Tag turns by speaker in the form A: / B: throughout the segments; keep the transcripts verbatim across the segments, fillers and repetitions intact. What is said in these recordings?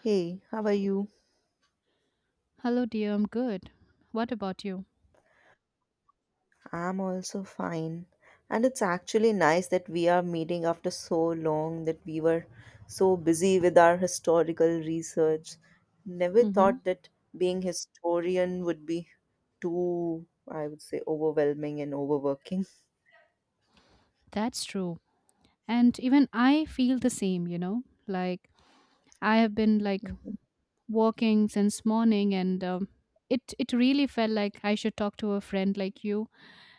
A: Hey, how are you?
B: Hello, dear. I'm good. What about you?
A: I'm also fine. And it's actually nice that we are meeting after so long that we were so busy with our historical research. Never
B: Mm-hmm.
A: thought that being historian would be too, I would say, overwhelming and overworking.
B: That's true. And even I feel the same, you know, like I have been like working since morning and um, it, it really felt like I should talk to a friend like you.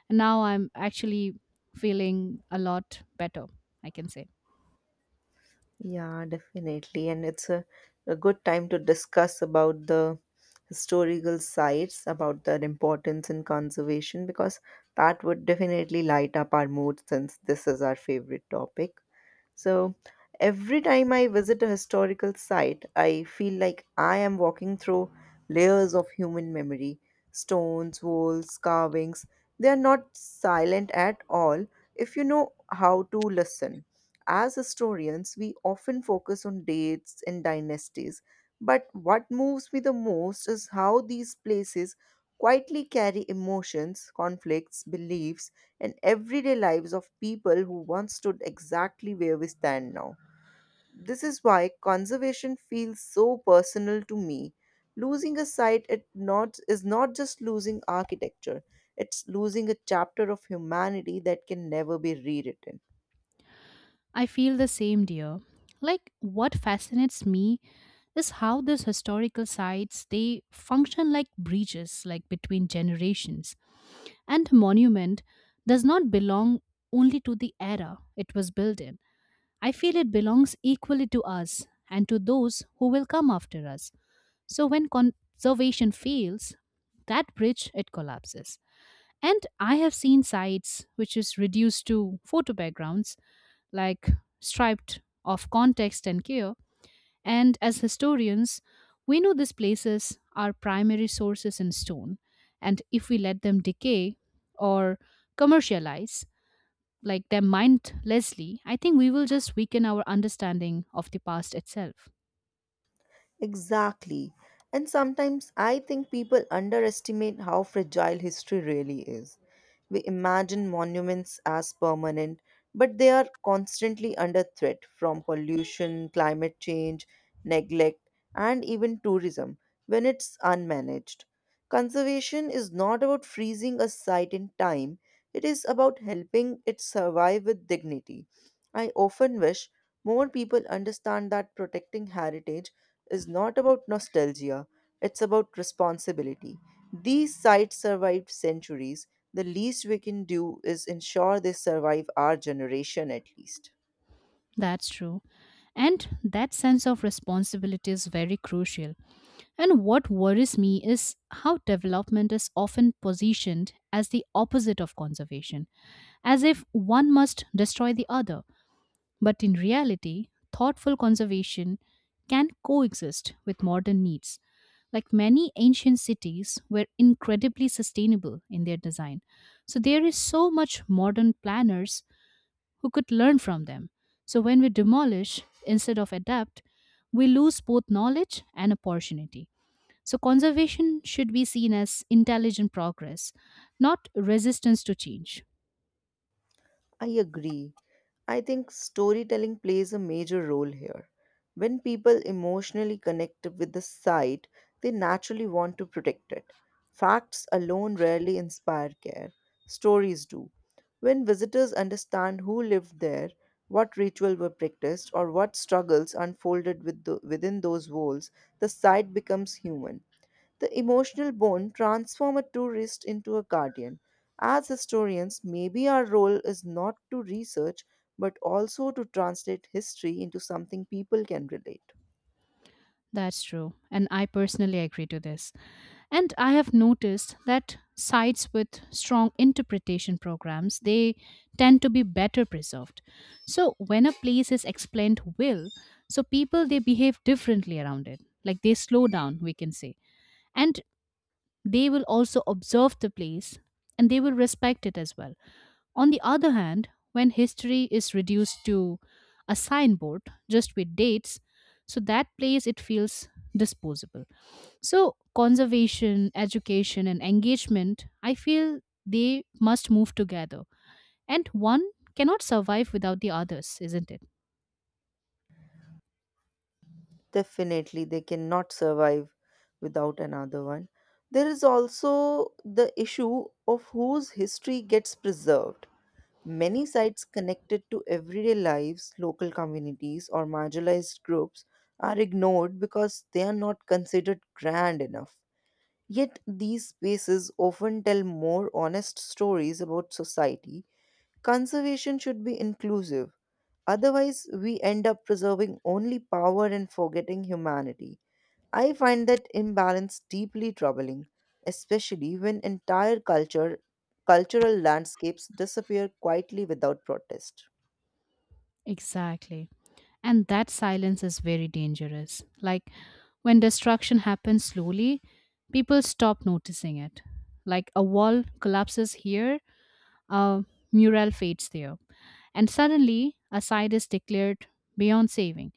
B: And now I'm actually feeling a lot better, I can say.
A: Yeah, definitely. And it's a, a good time to discuss about the historical sites, about their importance in conservation, because that would definitely light up our mood since this is our favorite topic. So every time I visit a historical site, I feel like I am walking through layers of human memory stones, walls, carvings. They are not silent at all if you know how to listen. As historians, we often focus on dates and dynasties, but what moves me the most is how these places quietly carry emotions, conflicts, beliefs, and everyday lives of people who once stood exactly where we stand now. This is why conservation feels so personal to me. Losing a site it not, is not just losing architecture, it's losing a chapter of humanity that can never be rewritten.
B: I feel the same, dear. Like what fascinates me is how these historical sites they function like bridges like between generations. And monument does not belong only to the era it was built in. I feel it belongs equally to us and to those who will come after us. So when conservation fails, that bridge it collapses. And I have seen sites which is reduced to photo backgrounds, like stripped of context and care, and as historians, we know these places are primary sources in stone, and if we let them decay or commercialize, like them mindlessly, I think we will just weaken our understanding of the past itself.
A: Exactly. And sometimes I think people underestimate how fragile history really is. We imagine monuments as permanent, but they are constantly under threat from pollution, climate change, neglect, and even tourism when it's unmanaged. Conservation is not about freezing a site in time, it is about helping it survive with dignity. I often wish more people understand that protecting heritage is not about nostalgia, it's about responsibility. These sites survived centuries. The least we can do is ensure they survive our generation at least.
B: That's true. And that sense of responsibility is very crucial. And what worries me is how development is often positioned as the opposite of conservation, as if one must destroy the other. But in reality, thoughtful conservation can coexist with modern needs. Like many ancient cities were incredibly sustainable in their design. So there is so much modern planners who could learn from them. So when we demolish instead of adapt, we lose both knowledge and opportunity. So conservation should be seen as intelligent progress, not resistance to change.
A: I agree. I think storytelling plays a major role here. When people emotionally connect with the site, they naturally want to protect it. Facts alone rarely inspire care, stories do. When visitors understand who lived there, what rituals were practiced, or what struggles unfolded with the, within those walls, the site becomes human. The emotional bond transforms a tourist into a guardian. As historians, maybe our role is not to research but also to translate history into something people can relate.
B: That's true. And I personally agree to this. And I have noticed that sites with strong interpretation programs, they tend to be better preserved. So when a place is explained well, so people they behave differently around it. Like they slow down, we can say. And they will also observe the place and they will respect it as well. On the other hand, when history is reduced to a signboard just with dates, so that place it feels disposable. So, conservation, education, and engagement, I feel they must move together. And one cannot survive without the others, isn't it?
A: Definitely, they cannot survive without another one. There is also the issue of whose history gets preserved. Many sites connected to everyday lives, local communities, or marginalized groups are ignored because they are not considered grand enough. Yet, these spaces often tell more honest stories about society. Conservation should be inclusive, otherwise, we end up preserving only power and forgetting humanity. I find that imbalance deeply troubling, especially when entire culture cultural landscapes disappear quietly without protest.
B: Exactly. And that silence is very dangerous. Like when destruction happens slowly, people stop noticing it. Like a wall collapses here, a mural fades there. And suddenly, a site is declared beyond saving.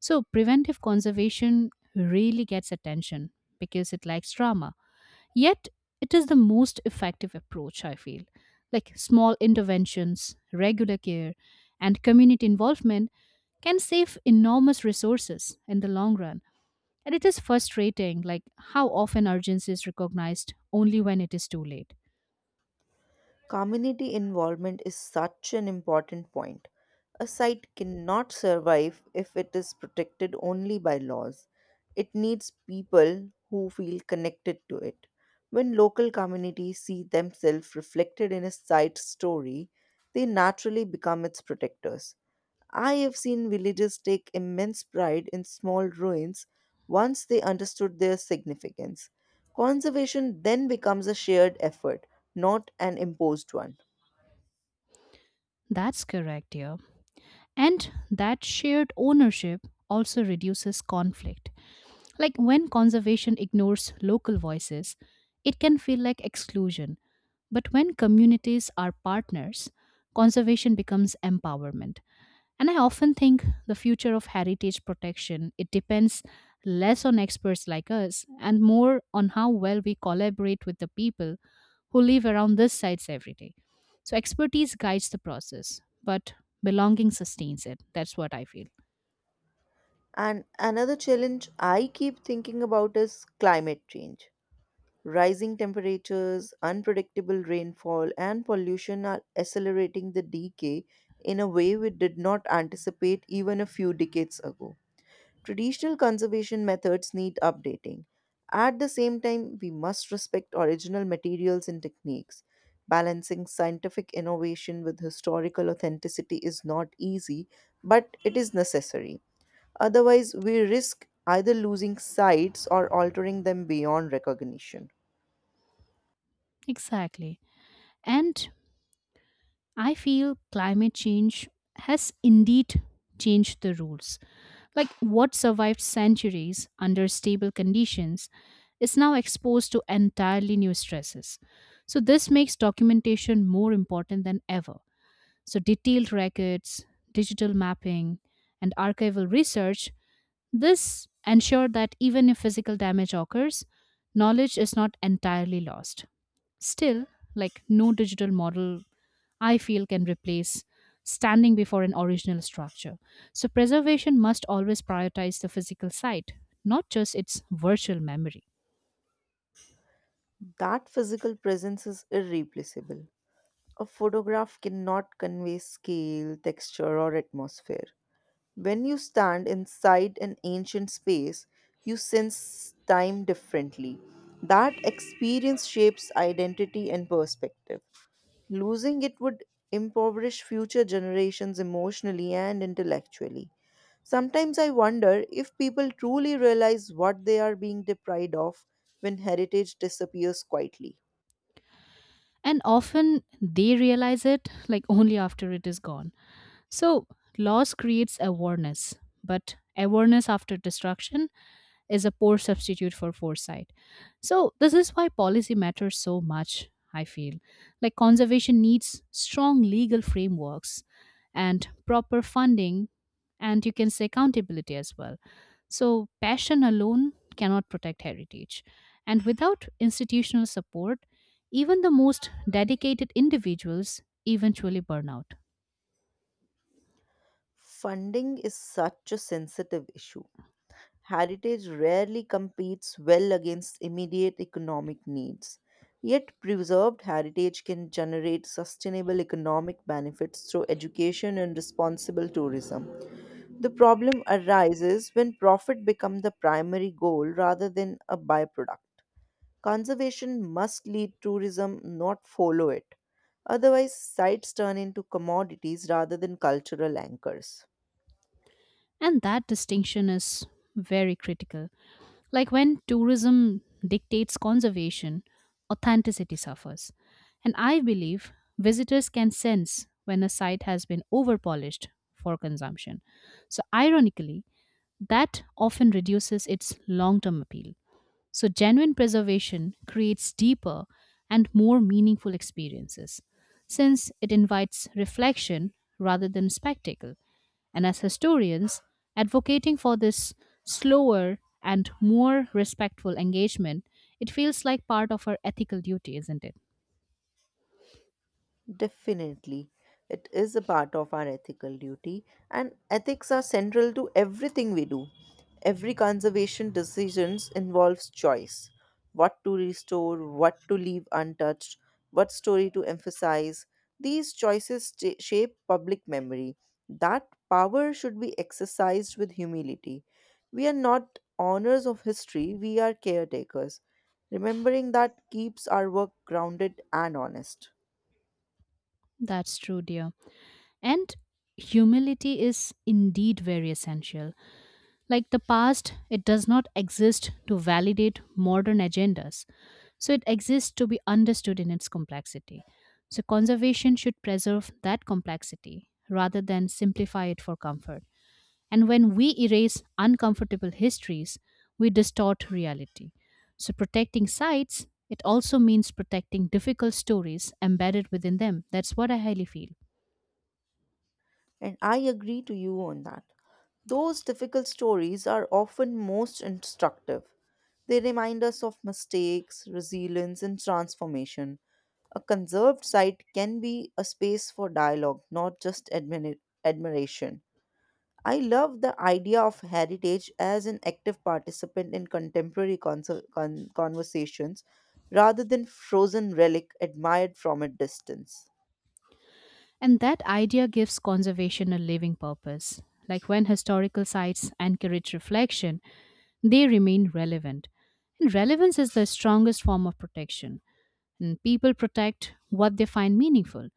B: So, preventive conservation really gets attention because it likes drama. Yet, it is the most effective approach, I feel. Like small interventions, regular care, and community involvement can save enormous resources in the long run. And it is frustrating, like how often urgency is recognized only when it is too late.
A: Community involvement is such an important point. A site cannot survive if it is protected only by laws. It needs people who feel connected to it. When local communities see themselves reflected in a site's story, they naturally become its protectors. I have seen villagers take immense pride in small ruins once they understood their significance. Conservation then becomes a shared effort, not an imposed one.
B: That's correct, dear. And that shared ownership also reduces conflict. Like when conservation ignores local voices, it can feel like exclusion. But when communities are partners, conservation becomes empowerment. And I often think the future of heritage protection it depends less on experts like us and more on how well we collaborate with the people who live around these sites every day. So expertise guides the process, but belonging sustains it. That's what I feel.
A: And another challenge I keep thinking about is climate change. Rising temperatures, unpredictable rainfall, and pollution are accelerating the decay in a way we did not anticipate even a few decades ago. Traditional conservation methods need updating. At the same time, we must respect original materials and techniques. Balancing scientific innovation with historical authenticity is not easy, but it is necessary. Otherwise, we risk either losing sites or altering them beyond recognition.
B: Exactly. And I feel climate change has indeed changed the rules. Like what survived centuries under stable conditions is now exposed to entirely new stresses. So, this makes documentation more important than ever. So, detailed records, digital mapping, and archival research this ensured that even if physical damage occurs, knowledge is not entirely lost. Still, like no digital model, I feel can replace standing before an original structure. So, preservation must always prioritize the physical site, not just its virtual memory.
A: That physical presence is irreplaceable. A photograph cannot convey scale, texture, or atmosphere. When you stand inside an ancient space, you sense time differently. That experience shapes identity and perspective. Losing it would impoverish future generations emotionally and intellectually. Sometimes I wonder if people truly realize what they are being deprived of when heritage disappears quietly.
B: And often they realize it like only after it is gone. So, loss creates awareness, but awareness after destruction is a poor substitute for foresight. So, this is why policy matters so much, I feel. Like, conservation needs strong legal frameworks and proper funding, and you can say accountability as well. So, passion alone cannot protect heritage. And without institutional support, even the most dedicated individuals eventually burn out.
A: Funding is such a sensitive issue. Heritage rarely competes well against immediate economic needs. Yet, preserved heritage can generate sustainable economic benefits through education and responsible tourism. The problem arises when profit becomes the primary goal rather than a byproduct. Conservation must lead tourism, not follow it. Otherwise, sites turn into commodities rather than cultural anchors.
B: And that distinction is very critical. Like when tourism dictates conservation, authenticity suffers. And I believe visitors can sense when a site has been overpolished for consumption. So, ironically, that often reduces its long term appeal. So, genuine preservation creates deeper and more meaningful experiences since it invites reflection rather than spectacle. And as historians, advocating for this slower and more respectful engagement, it feels like part of our ethical duty, isn't it?
A: Definitely. It is a part of our ethical duty, and ethics are central to everything we do. Every conservation decisions involves choice. What to restore, what to leave untouched, what story to emphasize. These choices cha- shape public memory. That power should be exercised with humility. We are not owners of history, we are caretakers. Remembering that keeps our work grounded and honest.
B: That's true, dear. And humility is indeed very essential. Like the past, it does not exist to validate modern agendas. So it exists to be understood in its complexity. So conservation should preserve that complexity rather than simplify it for comfort. And when we erase uncomfortable histories, we distort reality. So protecting sites, it also means protecting difficult stories embedded within them. That's what I highly feel.
A: And I agree to you on that. Those difficult stories are often most instructive. They remind us of mistakes, resilience, and transformation. A conserved site can be a space for dialogue, not just admini- admiration. I love the idea of heritage as an active participant in contemporary conser- con- conversations rather than frozen relic admired from a distance.
B: And that idea gives conservation a living purpose. Like when historical sites encourage reflection, they remain relevant. And relevance is the strongest form of protection. And people protect what they find meaningful.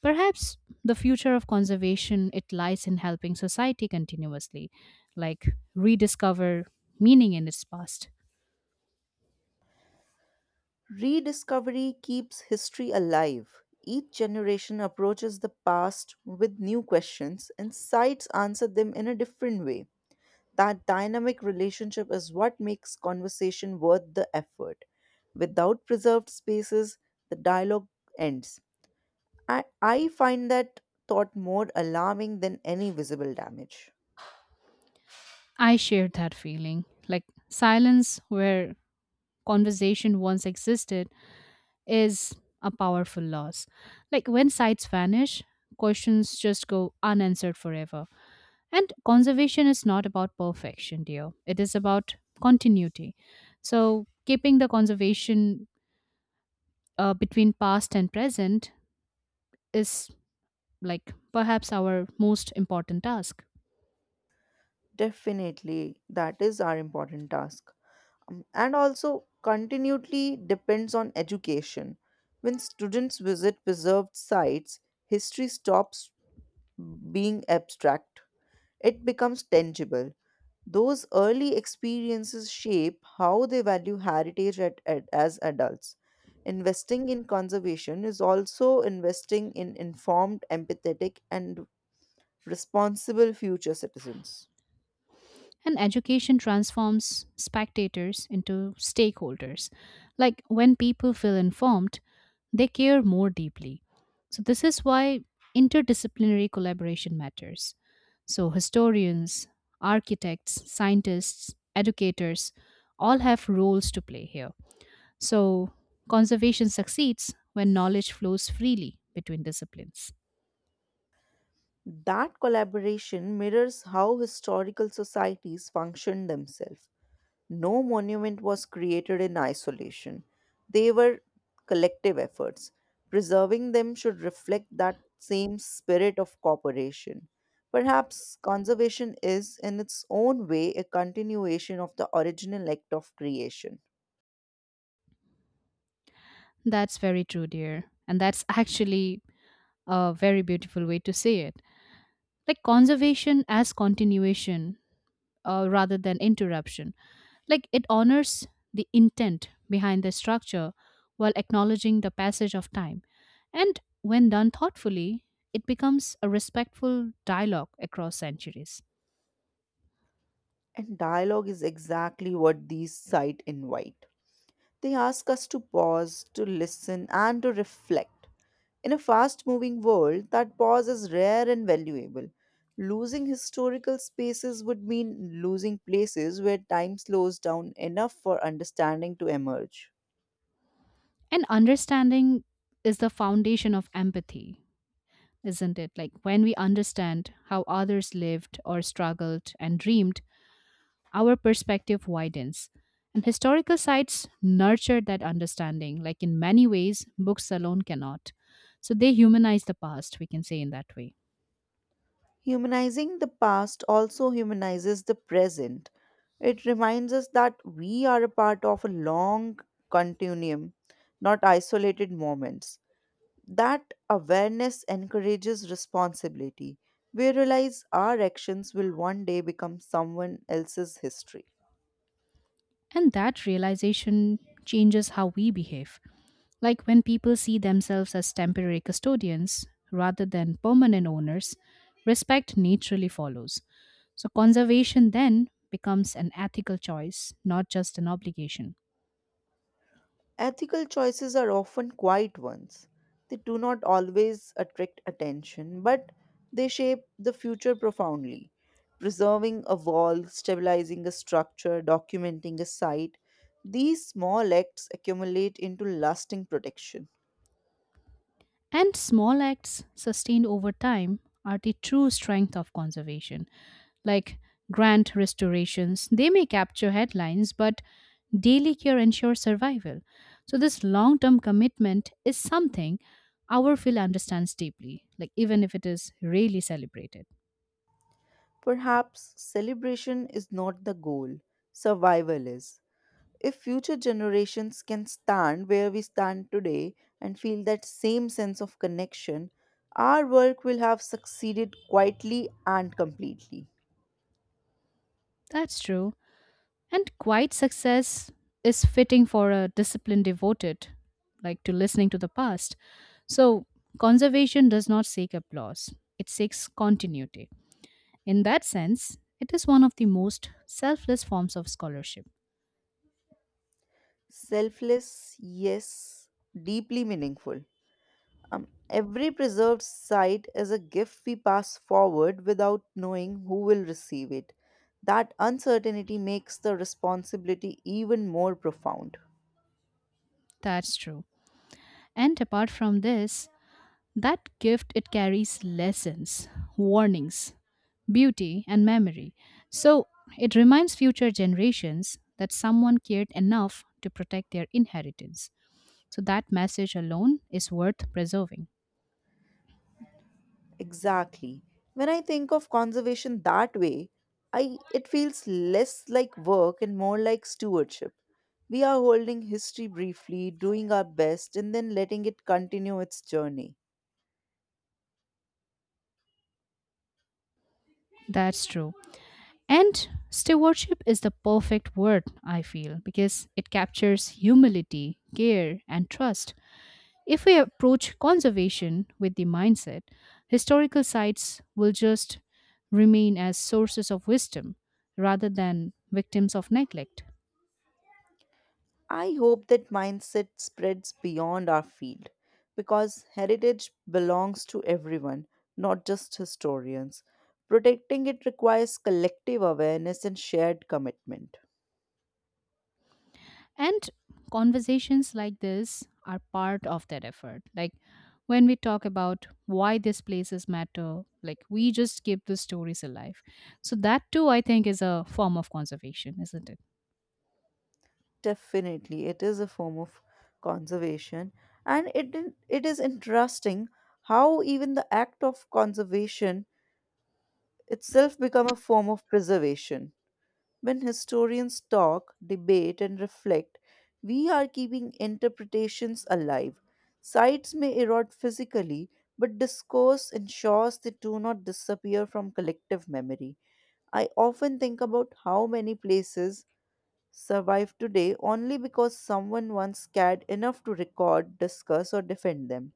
B: Perhaps the future of conservation it lies in helping society continuously, like rediscover meaning in its past.
A: Rediscovery keeps history alive. Each generation approaches the past with new questions, and sites answer them in a different way. That dynamic relationship is what makes conversation worth the effort. Without preserved spaces, the dialogue ends. I, I find that thought more alarming than any visible damage.
B: I shared that feeling. Like silence where conversation once existed is a powerful loss. Like when sites vanish, questions just go unanswered forever. And conservation is not about perfection, dear. It is about continuity. So keeping the conservation uh, between past and present is like perhaps our most important task.
A: Definitely, that is our important task. Um, and also continually depends on education. When students visit preserved sites, history stops being abstract. It becomes tangible. Those early experiences shape how they value heritage at, at- as adults. Investing in conservation is also investing in informed, empathetic, and responsible future citizens.
B: And education transforms spectators into stakeholders. Like when people feel informed, they care more deeply. So, this is why interdisciplinary collaboration matters. So, historians, architects, scientists, educators all have roles to play here. So, conservation succeeds when knowledge flows freely between disciplines.
A: That collaboration mirrors how historical societies function themselves. No monument was created in isolation. They were collective efforts. Preserving them should reflect that same spirit of cooperation. Perhaps conservation is, in its own way, a continuation of the original act of creation.
B: That's very true, dear. And that's actually a very beautiful way to say it. Like conservation as continuation uh, rather than interruption, like it honors the intent behind the structure while acknowledging the passage of time, and when done thoughtfully it becomes a respectful dialogue across centuries.
A: And dialogue is exactly what these sites invite. They ask us to pause, to listen, and to reflect. In a fast moving world, that pause is rare and valuable. Losing historical spaces would mean losing places where time slows down enough for understanding to emerge.
B: And understanding is the foundation of empathy, isn't it, like when we understand how others lived or struggled and dreamed our perspective widens. And historical sites nurture that understanding, like in many ways, books alone cannot. So they humanize the past, we can say in that way.
A: Humanizing the past also humanizes the present. It reminds us that we are a part of a long continuum, not isolated moments. That awareness encourages responsibility. We realize our actions will one day become someone else's history.
B: And that realization changes how we behave. Like when people see themselves as temporary custodians rather than permanent owners, respect naturally follows. So conservation then becomes an ethical choice, not just an obligation.
A: Ethical choices are often quiet ones. They do not always attract attention, but they shape the future profoundly. Preserving a wall, stabilizing a structure, documenting a site, these small acts accumulate into lasting protection.
B: And small acts sustained over time are the true strength of conservation. Like grand restorations, they may capture headlines, but daily care ensures survival. So, this long term commitment is something our field understands deeply, like even if it is rarely celebrated.
A: Perhaps celebration is not the goal, survival is. If future generations can stand where we stand today and feel that same sense of connection, our work will have succeeded quietly and completely.
B: That's true. And quiet success is fitting for a discipline devoted, like to listening to the past. So, conservation does not seek applause, it seeks continuity. In that sense, it is one of the most selfless forms of scholarship.
A: Selfless, yes, deeply meaningful. Um, every preserved site is a gift we pass forward without knowing who will receive it. That uncertainty makes the responsibility even more profound.
B: That's true. And apart from this, that gift it carries lessons, warnings, beauty and memory. So it reminds future generations that someone cared enough to protect their inheritance. So that message alone is worth preserving.
A: Exactly. When I think of conservation that way, I it feels less like work and more like stewardship. We are holding history briefly, doing our best, and then letting it continue its journey.
B: That's true. And stewardship is the perfect word, I feel, because it captures humility, care, and trust. If we approach conservation with the mindset, historical sites will just remain as sources of wisdom rather than victims of neglect.
A: I hope that mindset spreads beyond our field because heritage belongs to everyone, not just historians. Protecting it requires collective awareness and shared commitment.
B: And conversations like this are part of that effort. Like when we talk about why these places matter, like we just keep the stories alive. So, that too, I think, is a form of conservation, isn't it?
A: Definitely, it is a form of conservation, and it in- it is interesting how even the act of conservation itself become a form of preservation. When historians talk, debate, and reflect, we are keeping interpretations alive. Sites may erode physically, but discourse ensures they do not disappear from collective memory. I often think about how many places survive today only because someone once cared enough to record, discuss, or defend them.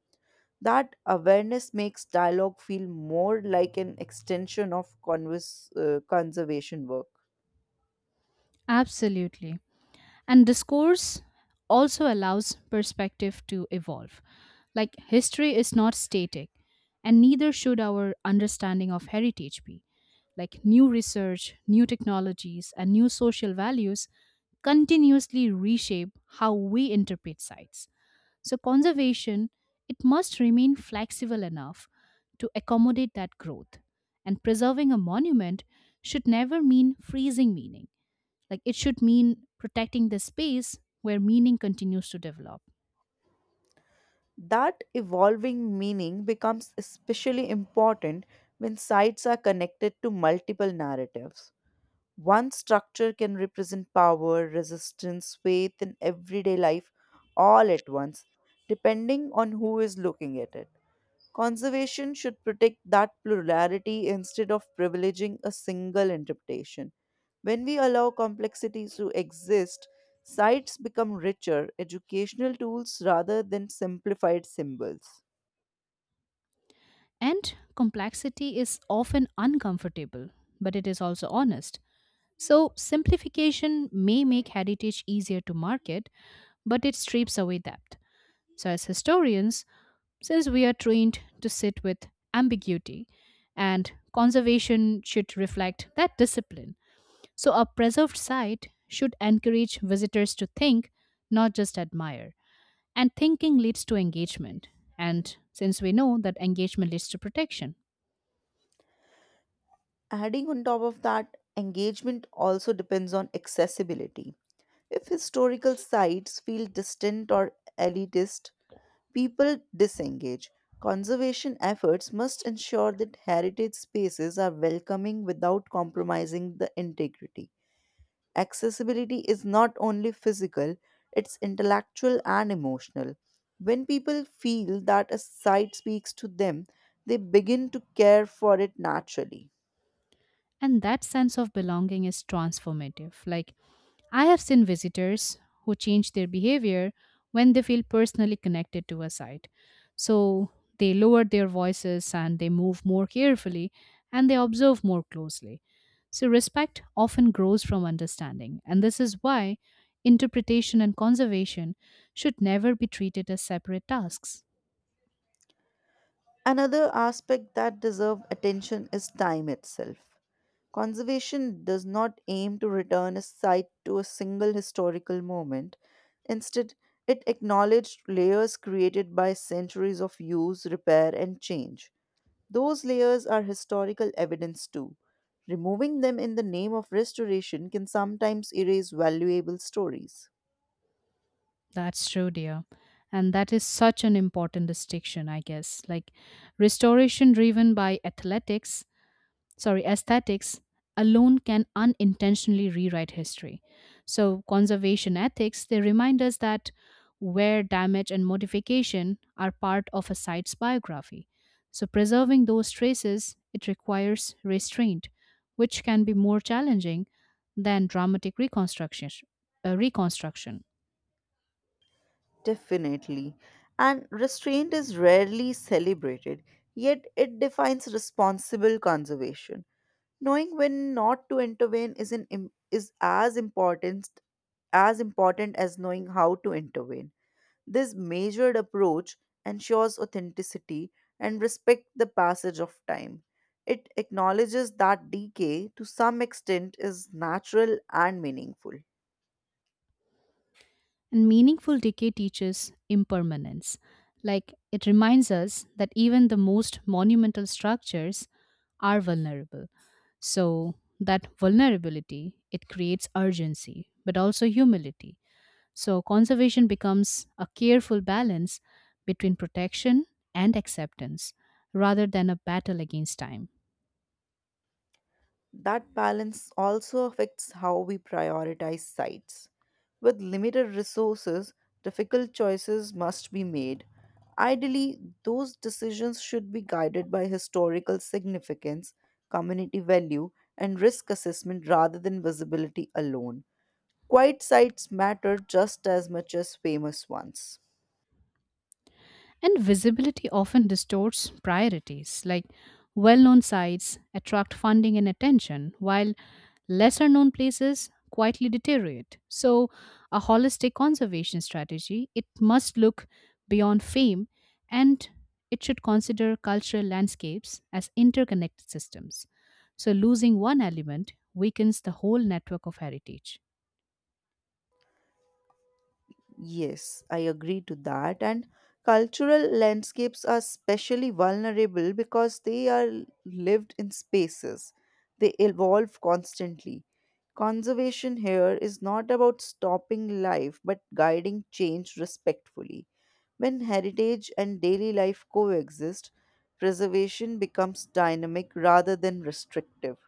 A: That awareness makes dialogue feel more like an extension of converse, uh, conservation work.
B: Absolutely. And discourse also allows perspective to evolve. Like history is not static, and neither should our understanding of heritage be. Like new research, new technologies, and new social values continuously reshape how we interpret sites. So conservation, it must remain flexible enough to accommodate that growth. And preserving a monument should never mean freezing meaning, like it should mean protecting the space where meaning continues to develop.
A: That evolving meaning becomes especially important when sites are connected to multiple narratives. One structure can represent power, resistance, faith, and everyday life all at once, depending on who is looking at it. Conservation should protect that plurality instead of privileging a single interpretation. When we allow complexities to exist, sites become richer, educational tools rather than simplified symbols.
B: And complexity is often uncomfortable, but it is also honest. So, simplification may make heritage easier to market, but it strips away depth. So, as historians, since we are trained to sit with ambiguity, and conservation should reflect that discipline. So, a preserved site should encourage visitors to think, not just admire. And thinking leads to engagement. And since we know that engagement leads to protection,
A: Adding on top of that, engagement also depends on accessibility. If historical sites feel distant or elitist, people disengage. Conservation efforts must ensure that heritage spaces are welcoming without compromising the integrity. Accessibility is not only physical, it's intellectual and emotional. When people feel that a site speaks to them, they begin to care for it naturally.
B: and that sense of belonging is transformative. Like, I have seen visitors who change their behavior when they feel personally connected to a site. So they lower their voices and they move more carefully and they observe more closely. So respect often grows from understanding. And this is why interpretation and conservation should never be treated as separate tasks.
A: Another aspect that deserves attention is time itself. Conservation does not aim to return a site to a single historical moment. Instead, it acknowledged layers created by centuries of use, repair, and change. Those layers are historical evidence too. Removing them in the name of restoration can sometimes erase valuable stories.
B: That's true, dear. And that is such an important distinction, I guess. Like restoration driven by athletics, sorry, aesthetics alone can unintentionally rewrite history. So conservation ethics, they remind us that wear, damage, and modification are part of a site's biography. So preserving those traces, it requires restraint, which can be more challenging than dramatic reconstruction. Uh, reconstruction.
A: Definitely. And restraint is rarely celebrated, yet it defines responsible conservation. Knowing when not to intervene is an im- is as important as important as knowing how to intervene. This measured approach ensures authenticity and respect the passage of time. It acknowledges that decay to some extent is natural and meaningful.
B: And meaningful decay teaches impermanence. Like it reminds us that even the most monumental structures are vulnerable. So that vulnerability it creates urgency but also humility. So conservation becomes a careful balance between protection and acceptance rather than a battle against time.
A: That balance also affects how we prioritize sites. With limited resources, difficult choices must be made. Ideally, those decisions should be guided by historical significance, community value, and risk assessment rather than visibility alone. Quiet sites matter just as much as famous ones.
B: And visibility often distorts priorities, like well known sites attract funding and attention, while lesser known places quietly deteriorate. So, a holistic conservation strategy, it must look beyond fame and it should consider cultural landscapes as interconnected systems. So, losing one element weakens the whole network of heritage.
A: Yes, I agree to that. And cultural landscapes are especially vulnerable because they are lived in spaces, they evolve constantly. Conservation here is not about stopping life but guiding change respectfully. When heritage and daily life coexist, preservation becomes dynamic rather than restrictive.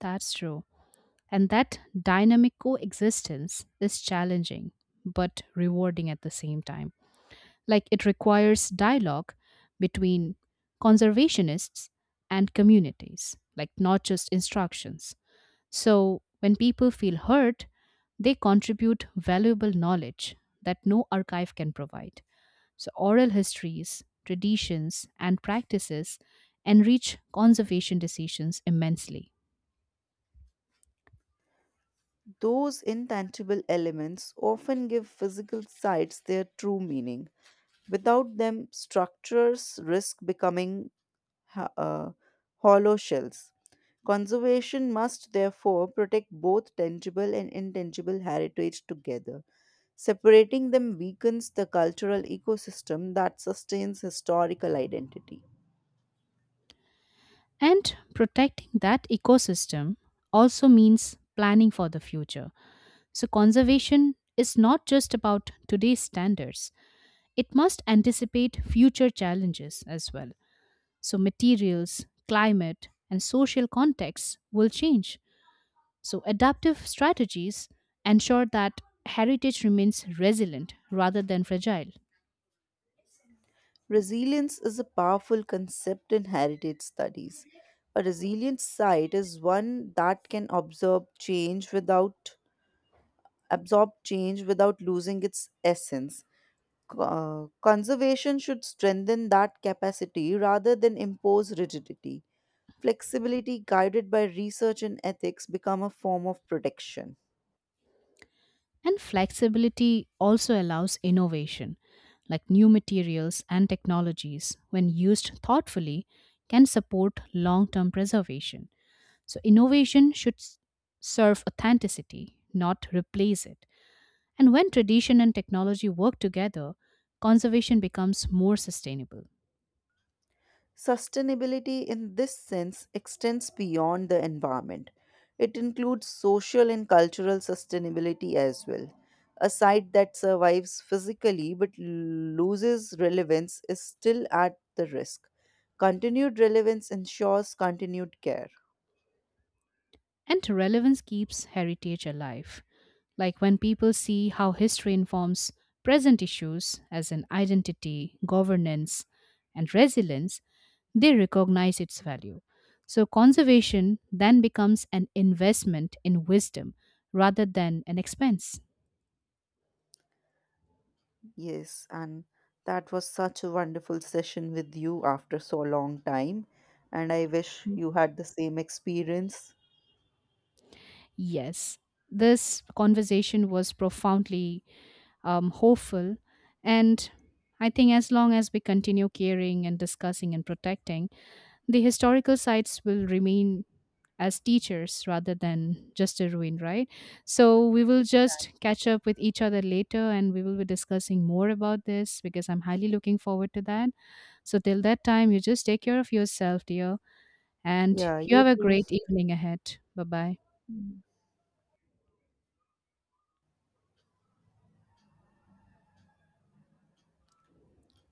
B: That's true. And that dynamic coexistence is challenging, but rewarding at the same time. Like it requires dialogue between conservationists and communities, like not just instructions. So when people feel heard, they contribute valuable knowledge that no archive can provide. So oral histories, traditions, and practices enrich conservation decisions immensely.
A: Those intangible elements often give physical sites their true meaning. Without them, structures risk becoming ho- uh, hollow shells. Conservation must therefore protect both tangible and intangible heritage together. Separating them weakens the cultural ecosystem that sustains historical identity.
B: And protecting that ecosystem also means planning for the future. So, conservation is not just about today's standards, it must anticipate future challenges as well. So, materials, climate, and social contexts will change. So, adaptive strategies ensure that heritage remains resilient rather than fragile.
A: Resilience is a powerful concept in heritage studies. A resilient site is one that can absorb change without absorb change without losing its essence. Co- uh, conservation should strengthen that capacity rather than impose rigidity. Flexibility guided by research and ethics become a form of protection.
B: And flexibility also allows innovation, like new materials and technologies, when used thoughtfully, can support long term preservation. So, innovation should s- serve authenticity, not replace it. And when tradition and technology work together, conservation becomes more sustainable.
A: Sustainability in this sense extends beyond the environment. It includes social and cultural sustainability as well. A site that survives physically but loses relevance is still at the risk. Continued relevance ensures continued care.
B: And relevance keeps heritage alive. Like when people see how history informs present issues, as in identity, governance, and resilience, they recognize its value. So, conservation then becomes an investment in wisdom rather than an expense.
A: Yes, and that was such a wonderful session with you after so long time. And I wish you had the same experience.
B: Yes, this conversation was profoundly um, hopeful. And I think as long as we continue caring and discussing and protecting, the historical sites will remain as teachers rather than just a ruin, right? So we will just catch up with each other later and we will be discussing more about this because I'm highly looking forward to that. So till that time, you just take care of yourself, dear, and
A: Yeah,
B: you
A: you
B: have a
A: too.
B: great evening ahead. Bye bye.